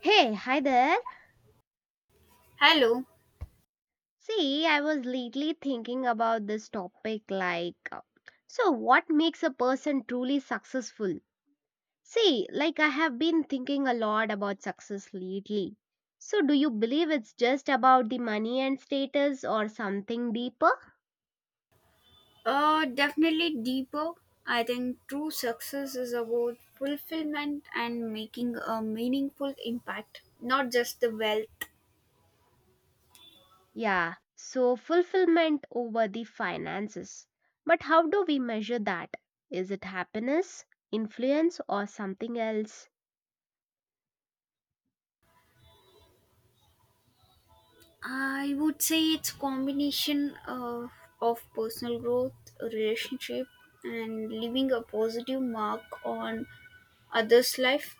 Hey, hi there. Hello. See, I was lately thinking about this topic like, so what makes a person truly successful? See, like I have been thinking a lot about success lately. So, do you believe it's just about the money and status or something deeper? Definitely deeper. I think true success is about fulfillment and making a meaningful impact, not just the wealth. Yeah, so fulfillment over the finances. But how do we measure that? Is it happiness, influence, or something else? I would say it's combination of personal growth, relationship, and leaving a positive mark on others' life.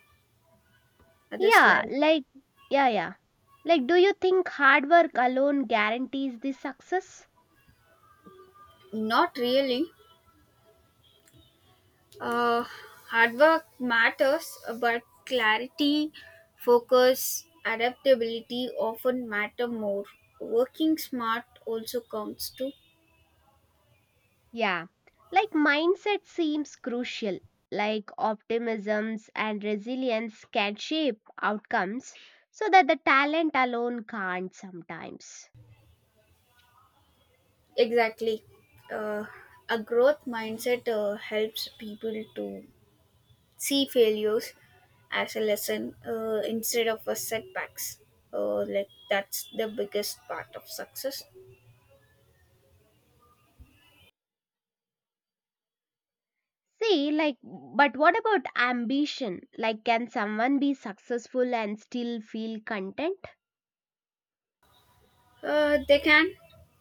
Others' Yeah, life. like, yeah, yeah. Like, do you think hard work alone guarantees the success? Not really. Uh, Hard work matters, but clarity, focus, adaptability often matter more. Working smart also counts too. Yeah. Like, mindset seems crucial. Like, optimisms and resilience can shape outcomes so that the talent alone can't sometimes. Exactly. Uh, a growth mindset helps people to see failures as a lesson instead of a setbacks. Like that's the biggest part of success. See, like, but what about ambition? Like, can someone be successful and still feel content? They can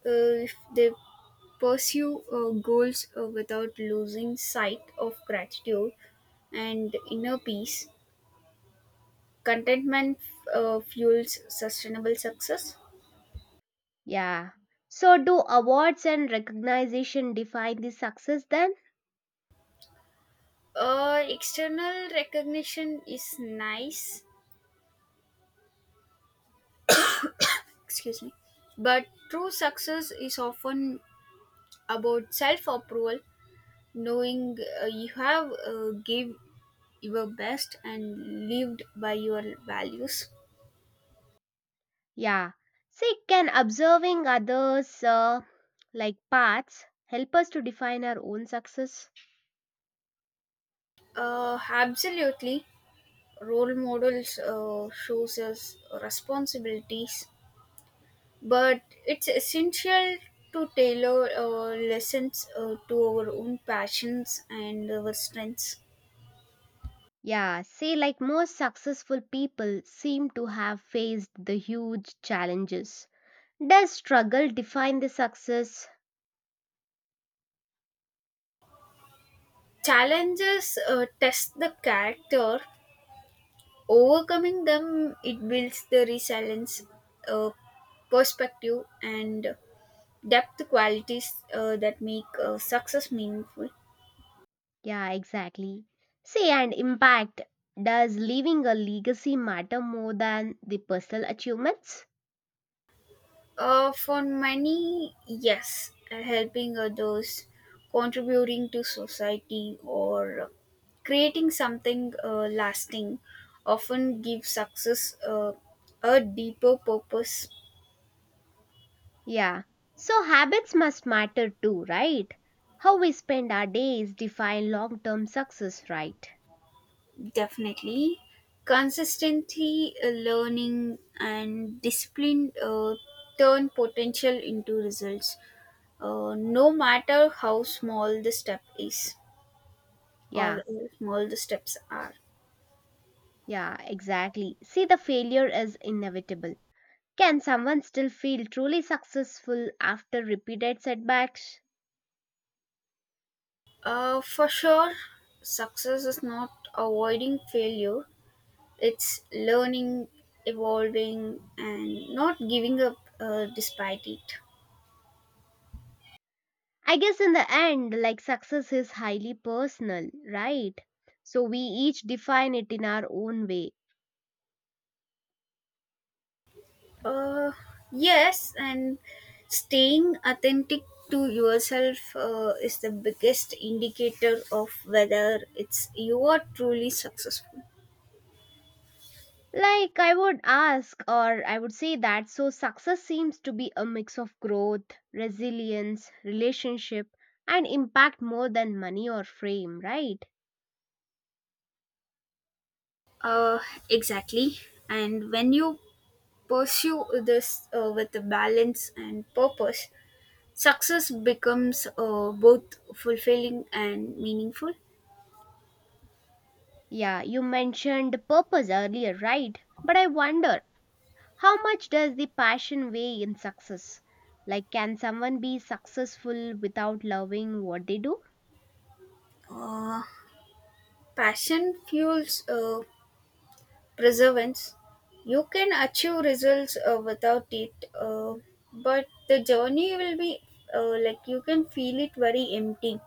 if they pursue goals without losing sight of gratitude and inner peace. Contentment fuels sustainable success. Yeah. So, do awards and recognition define the success then? External recognition is nice, excuse me, but true success is often about self approval, knowing you have give your best and lived by your values. Yeah. See, can observing others like paths help us to define our own success? Absolutely. Role models shows us responsibilities, but it's essential to tailor lessons to our own passions and our strengths. Yeah, see, like most successful people seem to have faced the huge challenges. Does struggle define the success? Challenges test the character. Overcoming them, it builds the resilience, uh, perspective, and depth qualities that make success meaningful. Yeah, exactly. See, and impact. Does leaving a legacy matter more than the personal achievements? For many, yes, helping others, contributing to society, or creating something lasting often gives success a deeper purpose. Yeah. So habits must matter too, right? How we spend our days define long term success, right? Definitely, consistency, learning, and discipline turn potential into results. No matter how small the step is or Yeah, how small the steps are. yeah, exactly. See, the failure is inevitable. Can someone still feel truly successful after repeated setbacks? For sure, success is not avoiding failure, it's learning, evolving, and not giving up despite it. I guess in the end, like success is highly personal, right? So we each define it in our own way. Uh, yes, and staying authentic to yourself is the biggest indicator of whether it's you are truly successful. Like I would ask, or I would say that so success seems to be a mix of growth, resilience, relationship, and impact more than money or fame, right? Uh, exactly. And when you pursue this with a balance and purpose, success becomes both fulfilling and meaningful. Yeah, you mentioned purpose earlier, right? But I wonder, how much does the passion weigh in success? Like, can someone be successful without loving what they do? Uh, Passion fuels perseverance. You can achieve results without it, uh, but the journey will be like you can feel it very empty.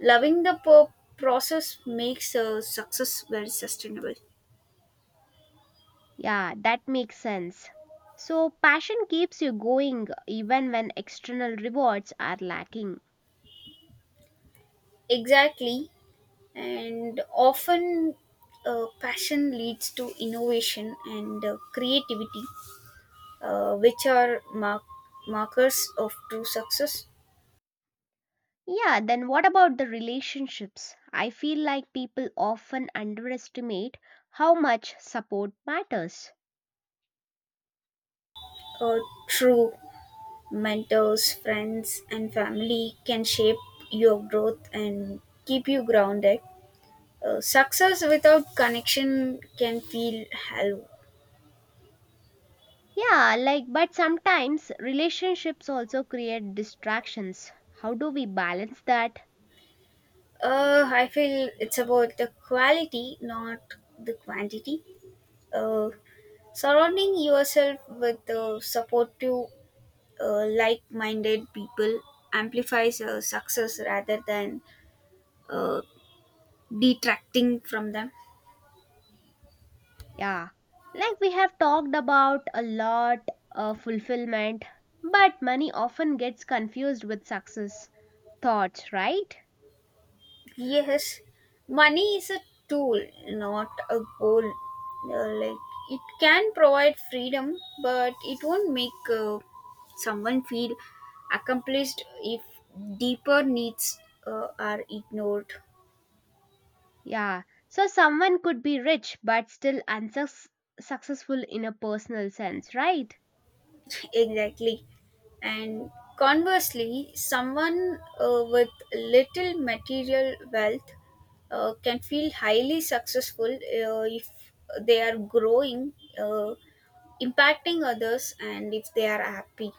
Loving the process makes success very sustainable. Yeah, that makes sense. So, passion keeps you going even when external rewards are lacking. Exactly, and often passion leads to innovation and creativity which are markers of true success. Yeah, then what about the relationships? I feel like people often underestimate how much support matters. Uh, True mentors, friends, and family can shape your growth and keep you grounded. Success without connection can feel hollow. Yeah, like, but sometimes relationships also create distractions. How do we balance that? I feel it's about the quality, not the quantity. Uh, Surrounding yourself with supportive, like minded people amplifies success rather than uh, detracting from them. Yeah, like we have talked about a lot of fulfillment, but money often gets confused with success. Thoughts, right? Yes, money is a tool, not a goal. Like it can provide freedom, but it won't make someone feel accomplished if deeper needs are ignored. Yeah. So someone could be rich but still unsuccessful in a personal sense, right? Exactly. And conversely, someone with little material wealth can feel highly successful if they are growing, uh, impacting others, and if they are happy.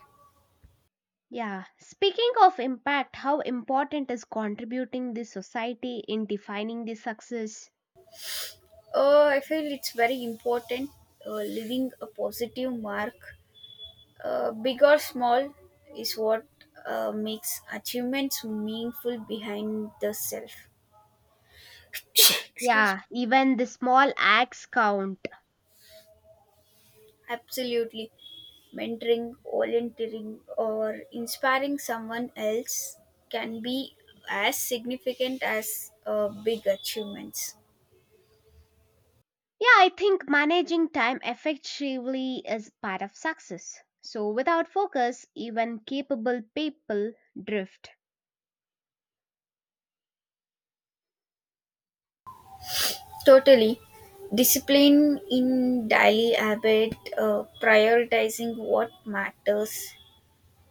Yeah. Speaking of impact, how important is contributing the society in defining the success? I feel it's very important leaving a positive mark, big or small, is what makes achievements meaningful behind the self. Excuse Yeah, me. even the small acts count. Absolutely. Mentoring, volunteering, or inspiring someone else can be as significant as big achievements. Yeah, I think managing time effectively is part of success. So without focus, even capable people drift. Totally. Discipline in daily habit, prioritizing what matters,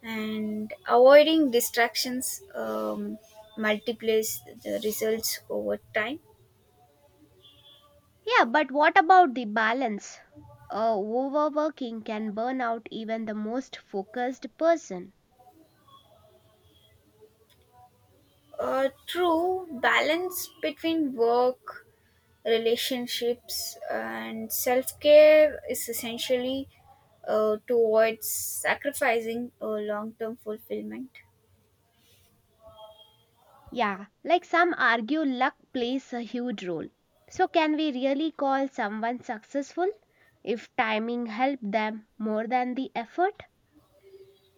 and avoiding distractions multiplies the results over time. Yeah, but what about the balance? Overworking can burn out even the most focused person. True balance between work, relationships, and self care is essentially towards sacrificing a long term fulfillment. Yeah, like some argue, luck plays a huge role. So, can we really call someone successful if timing helped them more than the effort?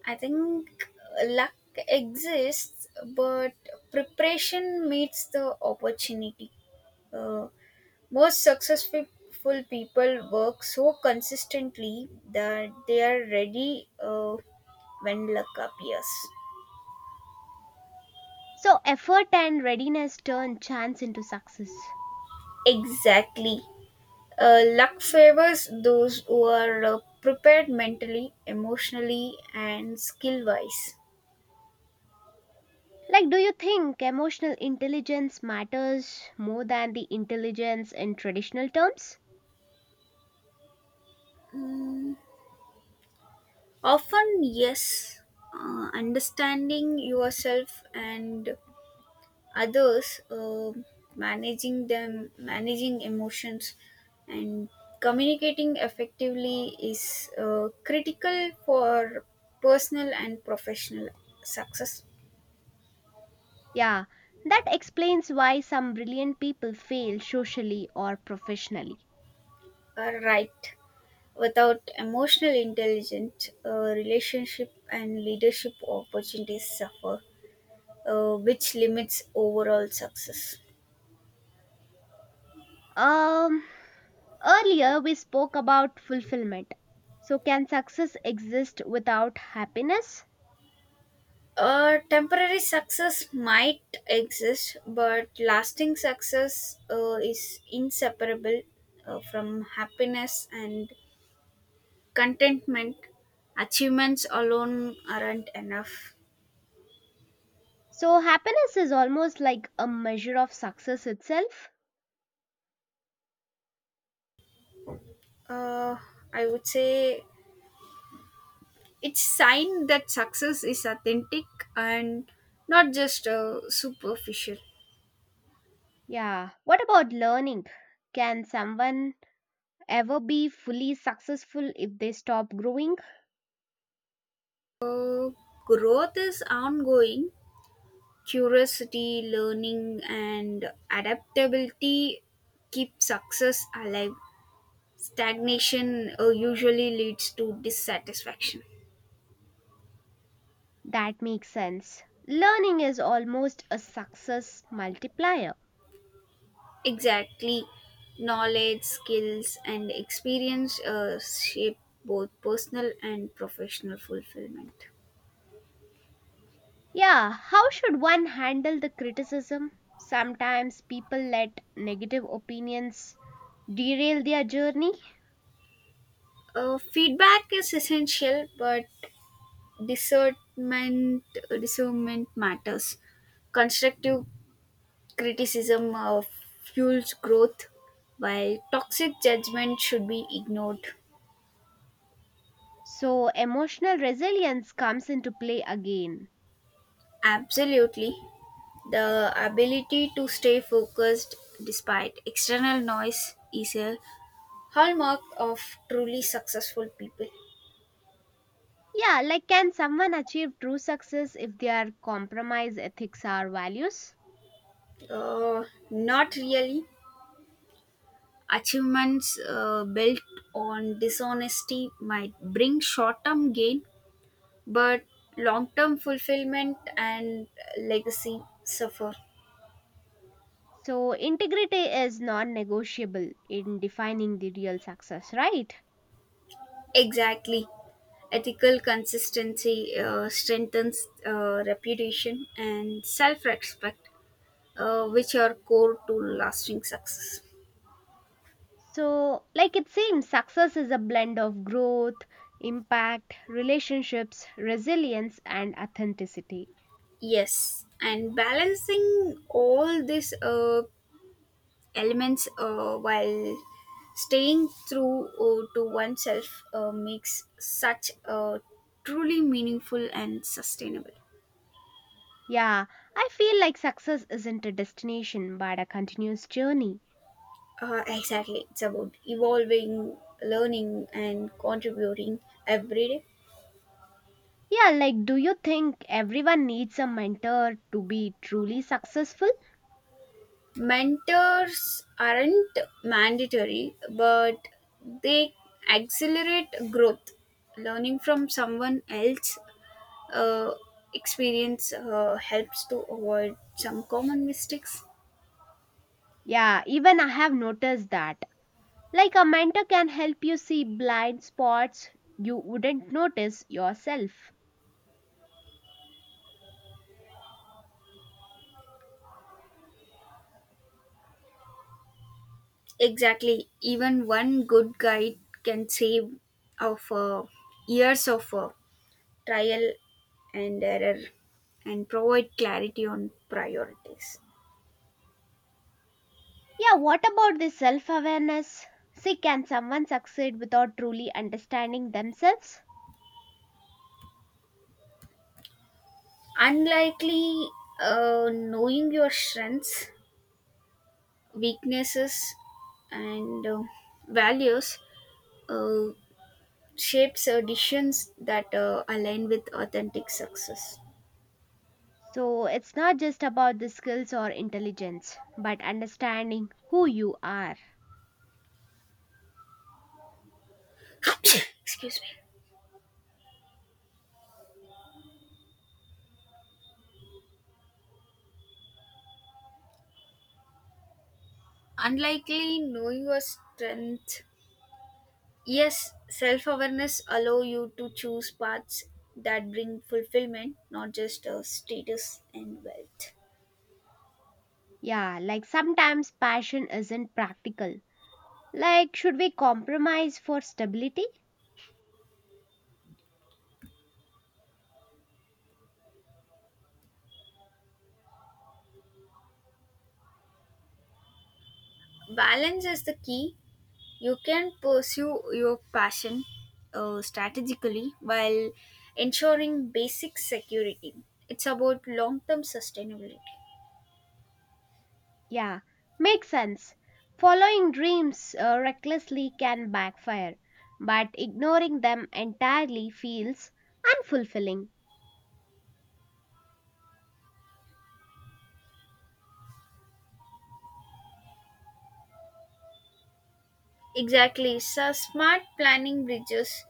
I think luck exists, but preparation meets the opportunity. Uh, Most successful people work so consistently that they are ready when luck appears. So, effort and readiness turn chance into success. Exactly. Luck favors those who are prepared mentally, emotionally, and skill wise. Like, do you think emotional intelligence matters more than the intelligence in traditional terms? Mm, Often, yes, understanding yourself and others, managing them, managing emotions, and communicating effectively is critical for personal and professional success. Yeah, that explains why some brilliant people fail socially or professionally. Right. Without emotional intelligence, relationship and leadership opportunities suffer, which limits overall success. Um, Earlier we spoke about fulfillment. So, can success exist without happiness? Temporary success might exist, but lasting success is inseparable from happiness and contentment. Achievements alone aren't enough. So, happiness is almost like a measure of success itself. Uh, I would say it's sign that success is authentic and not just superficial. Yeah, what about learning? Can someone ever be fully successful if they stop growing? Uh, Growth is ongoing. Curiosity, learning, and adaptability keep success alive. Stagnation usually leads to dissatisfaction. That makes sense. Learning is almost a success multiplier. Exactly. Knowledge, skills, and experience shape both personal and professional fulfillment. Yeah, how should one handle the criticism? Sometimes people let negative opinions derail their journey, Feedback is essential, but discernment discernment matters. Constructive criticism fuels growth, while toxic judgment should be ignored. so emotional resilience comes into play again. Absolutely, the ability to stay focused despite external noise is a hallmark of truly successful people. Yeah, like can someone achieve true success if they are compromise ethics or values? Uh, Not really. Achievements built on dishonesty might bring short term gain, but long term fulfillment and legacy suffer. So integrity is non-negotiable in defining the real success, right? Exactly. Ethical consistency strengthens reputation and self respect, which are core to lasting success. So, like it seems, success is a blend of growth, impact, relationships, resilience, and authenticity. Yes, and balancing all these elements while staying true to oneself makes such a truly meaningful and sustainable. Yeah, I feel like success isn't a destination but a continuous journey. Exactly. It's about evolving, learning, and contributing every day. Yeah, like, do you think everyone needs a mentor to be truly successful? Mentors aren't mandatory, but they accelerate growth. Learning from someone else' uh, experience helps to avoid some common mistakes. Yeah, even I have noticed that. Like, a mentor can help you see blind spots you wouldn't notice yourself. Exactly. Even one good guide can save of years of trial and error and provide clarity on priorities. Yeah, what about this self awareness? See, can someone succeed without truly understanding themselves? Unlikely knowing your strengths, weaknesses, and values uh, shapes decisions that align with authentic success. So, it's not just about the skills or intelligence, but understanding who you are. Excuse me. Unlikely knowing your strength. Yes, self awareness allow you to choose paths that bring fulfillment, not just status and wealth. Yeah, like sometimes passion isn't practical. Like, should we compromise for stability? Balance is the key. You can pursue your passion strategically while ensuring basic security. It's about long term sustainability. Yeah, makes sense. Following dreams recklessly can backfire, but ignoring them entirely feels unfulfilling. Exactly. So, smart planning bridges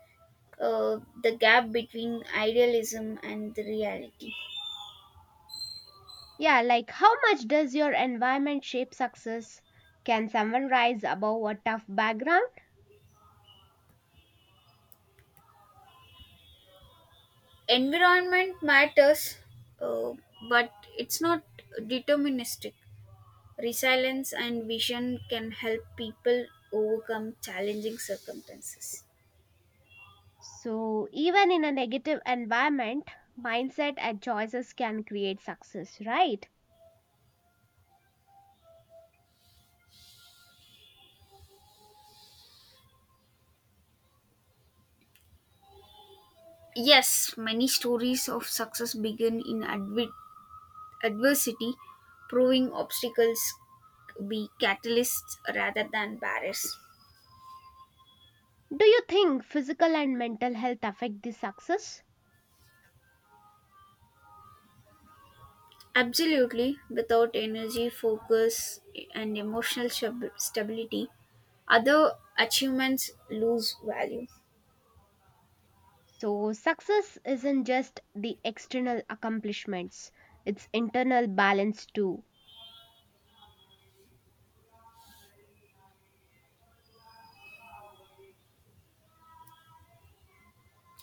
the gap between idealism and the reality. Yeah, like how much does your environment shape success? Can someone rise above a tough background? Environment matters, uh, but it's not deterministic. Resilience and vision can help people overcome challenging circumstances. So, even in a negative environment, mindset and choices can create success, right? Yes, many stories of success begin in adversity, proving obstacles be catalysts rather than barriers. Do you think physical and mental health affect the success? Absolutely, without energy, focus, and emotional stability, other achievements lose value. So, success isn't just the external accomplishments, it's internal balance too.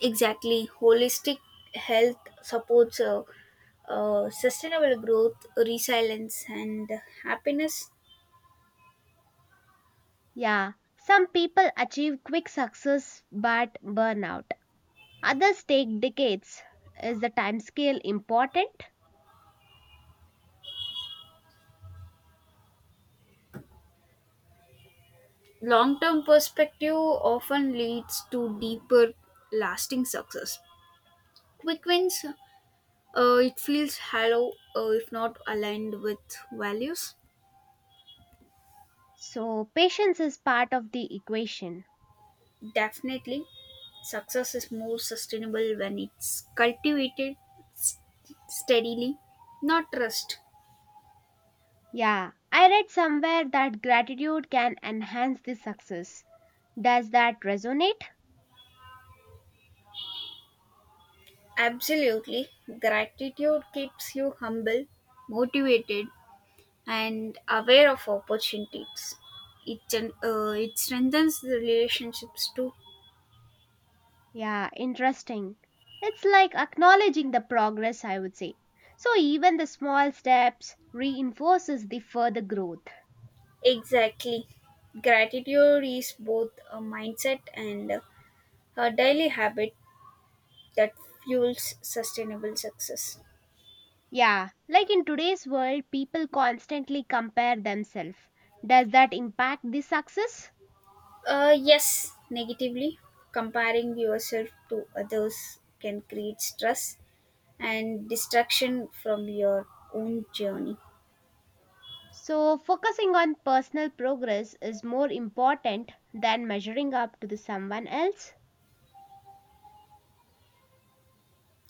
Exactly, holistic health supports sustainable growth, resilience, and happiness. Yeah, some people achieve quick success but burn out. Others take decades. Is the timescale important? Long term perspective often leads to deeper, lasting success. Quick wins, it feels hollow if not aligned with values. So, patience is part of the equation. Definitely, success is more sustainable when it's cultivated s- steadily, not rushed. Yeah, I read somewhere that gratitude can enhance the success. Does that resonate? Absolutely, gratitude keeps you humble, motivated, and aware of opportunities. It strengthens the relationships too. Yeah, interesting. It's like acknowledging the progress, I would say. So, even the small steps reinforces the further growth. Exactly. Gratitude is both a mindset and a daily habit that fuels sustainable success. Yeah, like in today's world, people constantly compare themselves. Does that impact the success? Yes, negatively, comparing yourself to others can create stress and distraction from your own journey. So, focusing on personal progress is more important than measuring up to the someone else.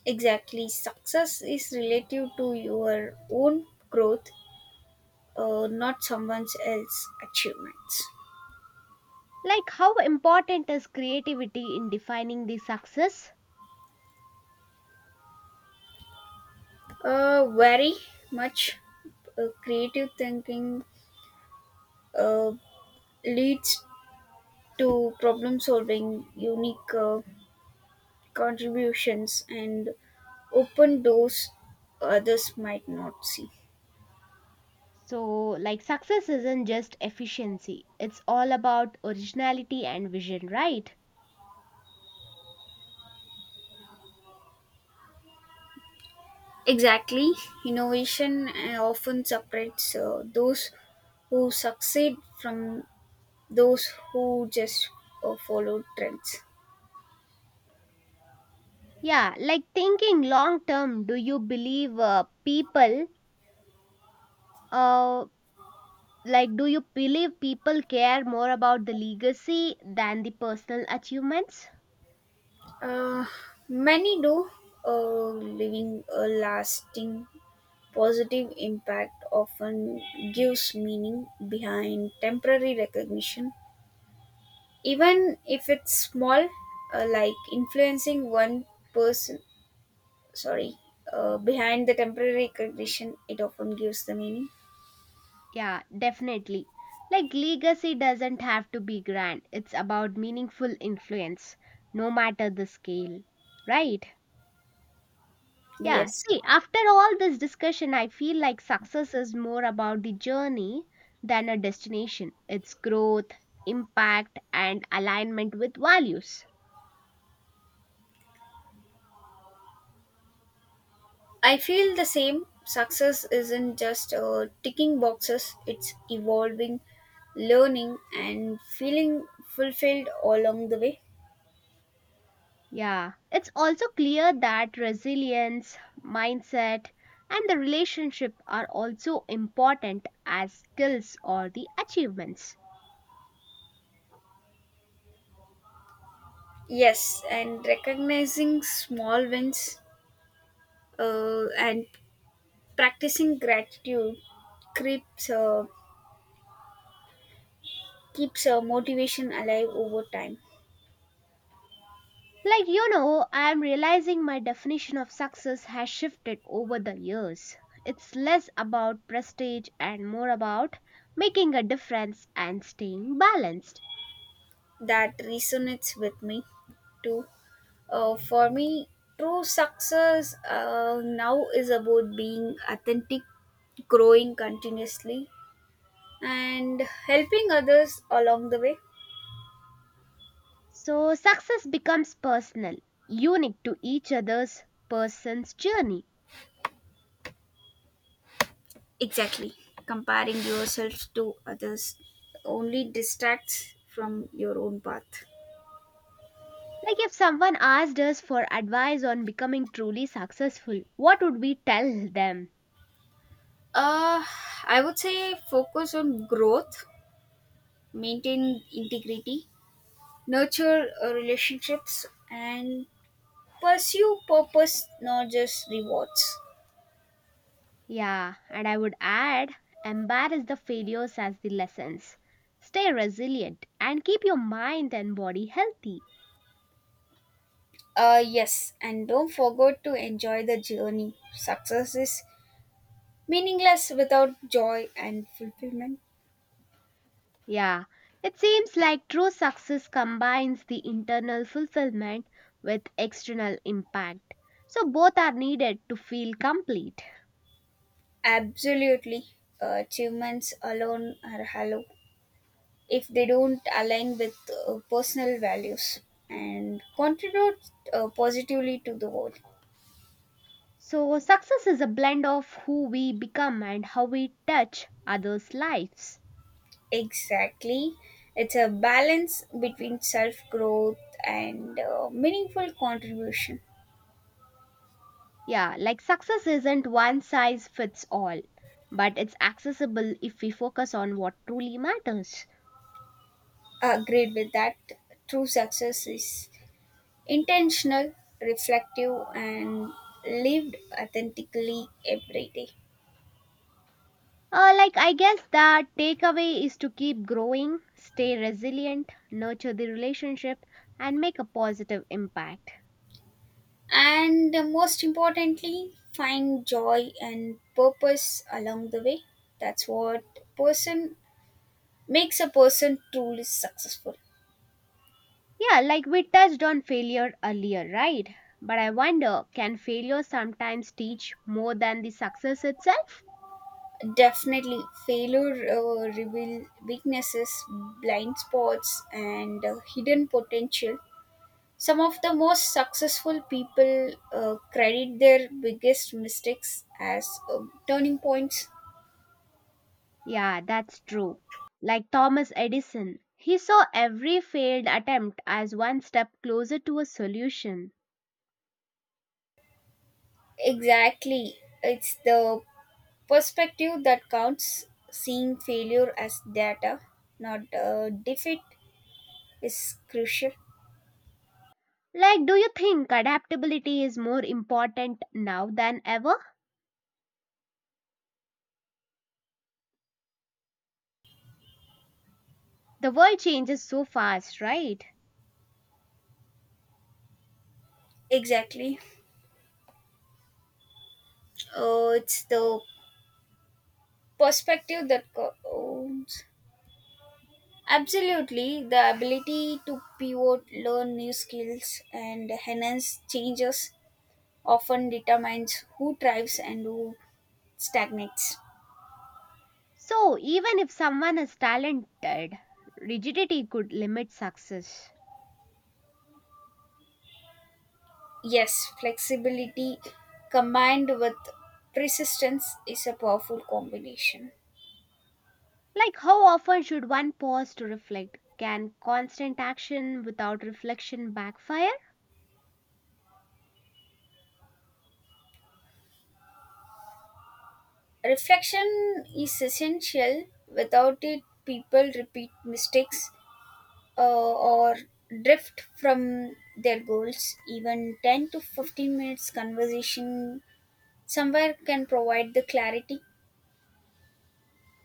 Exactly, success is relative to your own growth, not someone else's achievements. Like, how important is creativity in defining the success? Very much creative thinking uh, leads to problem solving, unique contributions, and open doors others might not see. So, like, success isn't just efficiency, it's all about originality and vision, right? Exactly, innovation often separates those who succeed from those who just follow trends. Yeah, like thinking long term, do you believe people uh, Like, do you believe people care more about the legacy than the personal achievements? Uh, Many do, leaving a lasting positive impact often gives meaning behind temporary recognition, even if it's small, like influencing one person. Sorry, behind the temporary recognition, it often gives the meaning. Yeah, definitely. Like, legacy doesn't have to be grand, it's about meaningful influence, no matter the scale. Right? Yeah, Yes, see, after all this discussion, I feel like success is more about the journey than a destination. It's growth, impact, and alignment with values. I feel the same. Success isn't just ticking boxes, it's evolving, learning, and feeling fulfilled all along the way. Yeah, it's also clear that resilience, mindset, and the relationship are also important as skills or the achievements. Yes, and recognizing small wins and practicing gratitude keeps uh, keeps motivation alive over time. Like, I'm realizing my definition of success has shifted over the years. It's less about prestige and more about making a difference and staying balanced. That resonates with me too. For me, true success now is about being authentic, growing continuously, and helping others along the way. So, success becomes personal, unique to each other's person's journey. Exactly. Comparing yourself to others only distracts from your own path. Like if someone asked us for advice on becoming truly successful, what would we tell them? Uh, I would say focus on growth, maintain integrity, nurture relationships, and pursue purpose, not just rewards. Yeah, and I would add embrace the failures as the lessons. Stay resilient and keep your mind and body healthy. Yes, and don't forget to enjoy the journey. Success is meaningless without joy and fulfillment. Yeah, it seems like true success combines the internal fulfillment with external impact. So both are needed to feel complete. Absolutely. Achievements alone are hollow if they don't align with personal values and contribute positively to the world. So success is a blend of who we become and how we touch others' lives. Exactly. It's a balance between self growth and meaningful contribution. Yeah, like success isn't one size fits all, but it's accessible if we focus on what truly matters. Agreed with that. True success is intentional, reflective, and lived authentically every day. Like, I guess the takeaway is to keep growing, stay resilient, nurture the relationship, and make a positive impact. And most importantly, find joy and purpose along the way. That's what person makes a person truly successful. Yeah, like we touched on failure earlier, right? But I wonder can failure sometimes teach more than the success itself? Definitely, failure reveal weaknesses, blind spots, and hidden potential. Some of the most successful people credit their biggest mistakes as turning points. Yeah, that's true. Like Thomas Edison, he saw every failed attempt as one step closer to a solution. Exactly, it's the perspective that counts. Seeing failure as data, not defeat, is crucial. Like, do you think adaptability is more important now than ever? The world changes so fast, right? Exactly, it's the perspective that counts. Absolutely, the ability to pivot, learn new skills, and enhance changes often determines who thrives and who stagnates. So, even if someone is talented, rigidity could limit success. Yes, flexibility combined with persistence is a powerful combination. Like, how often should one pause to reflect? Can constant action without reflection backfire? Reflection is essential. Without it, people repeat mistakes or drift from their goals. Even 10 to 15 minutes conversation somewhere can provide the clarity.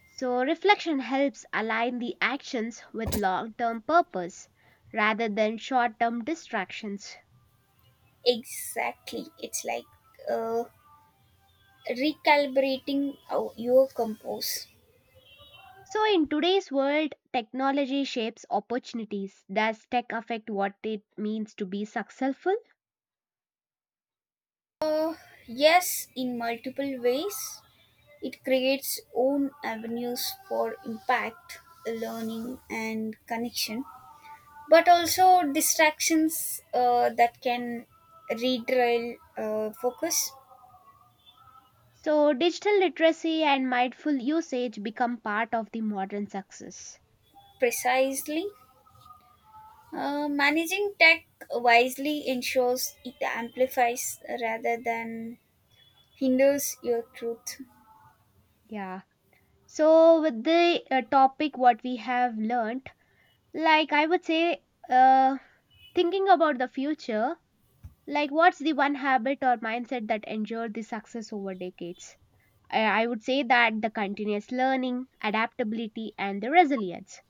So, reflection helps align the actions with long term purpose rather than short term distractions. Exactly, it's like uh, recalibrating your compose. So, in today's world, technology shapes opportunities. Does tech affect what it means to be successful? uh, yes, in multiple ways it creates own avenues for impact, learning, and connection, but also distractions that can rederail focus. So, digital literacy and mindful usage become part of the modern success. Precisely, managing tech wisely ensures it amplifies rather than hinders your truth. Yeah. So, with the topic, what we have learnt, like I would say, uh, thinking about the future. Like, what's the one habit or mindset that endured the success over decades? I would say that the continuous learning, adaptability, and the resilience.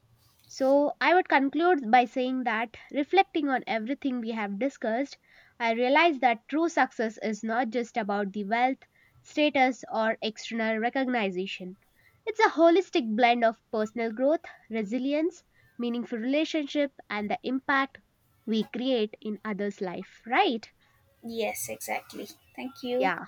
So, I would conclude by saying that reflecting on everything we have discussed, I realize that true success is not just about the wealth, status, or external recognition. It's a holistic blend of personal growth, resilience, meaningful relationship, and the impact we create in others' life, right? Yes, exactly. Thank you. Yeah.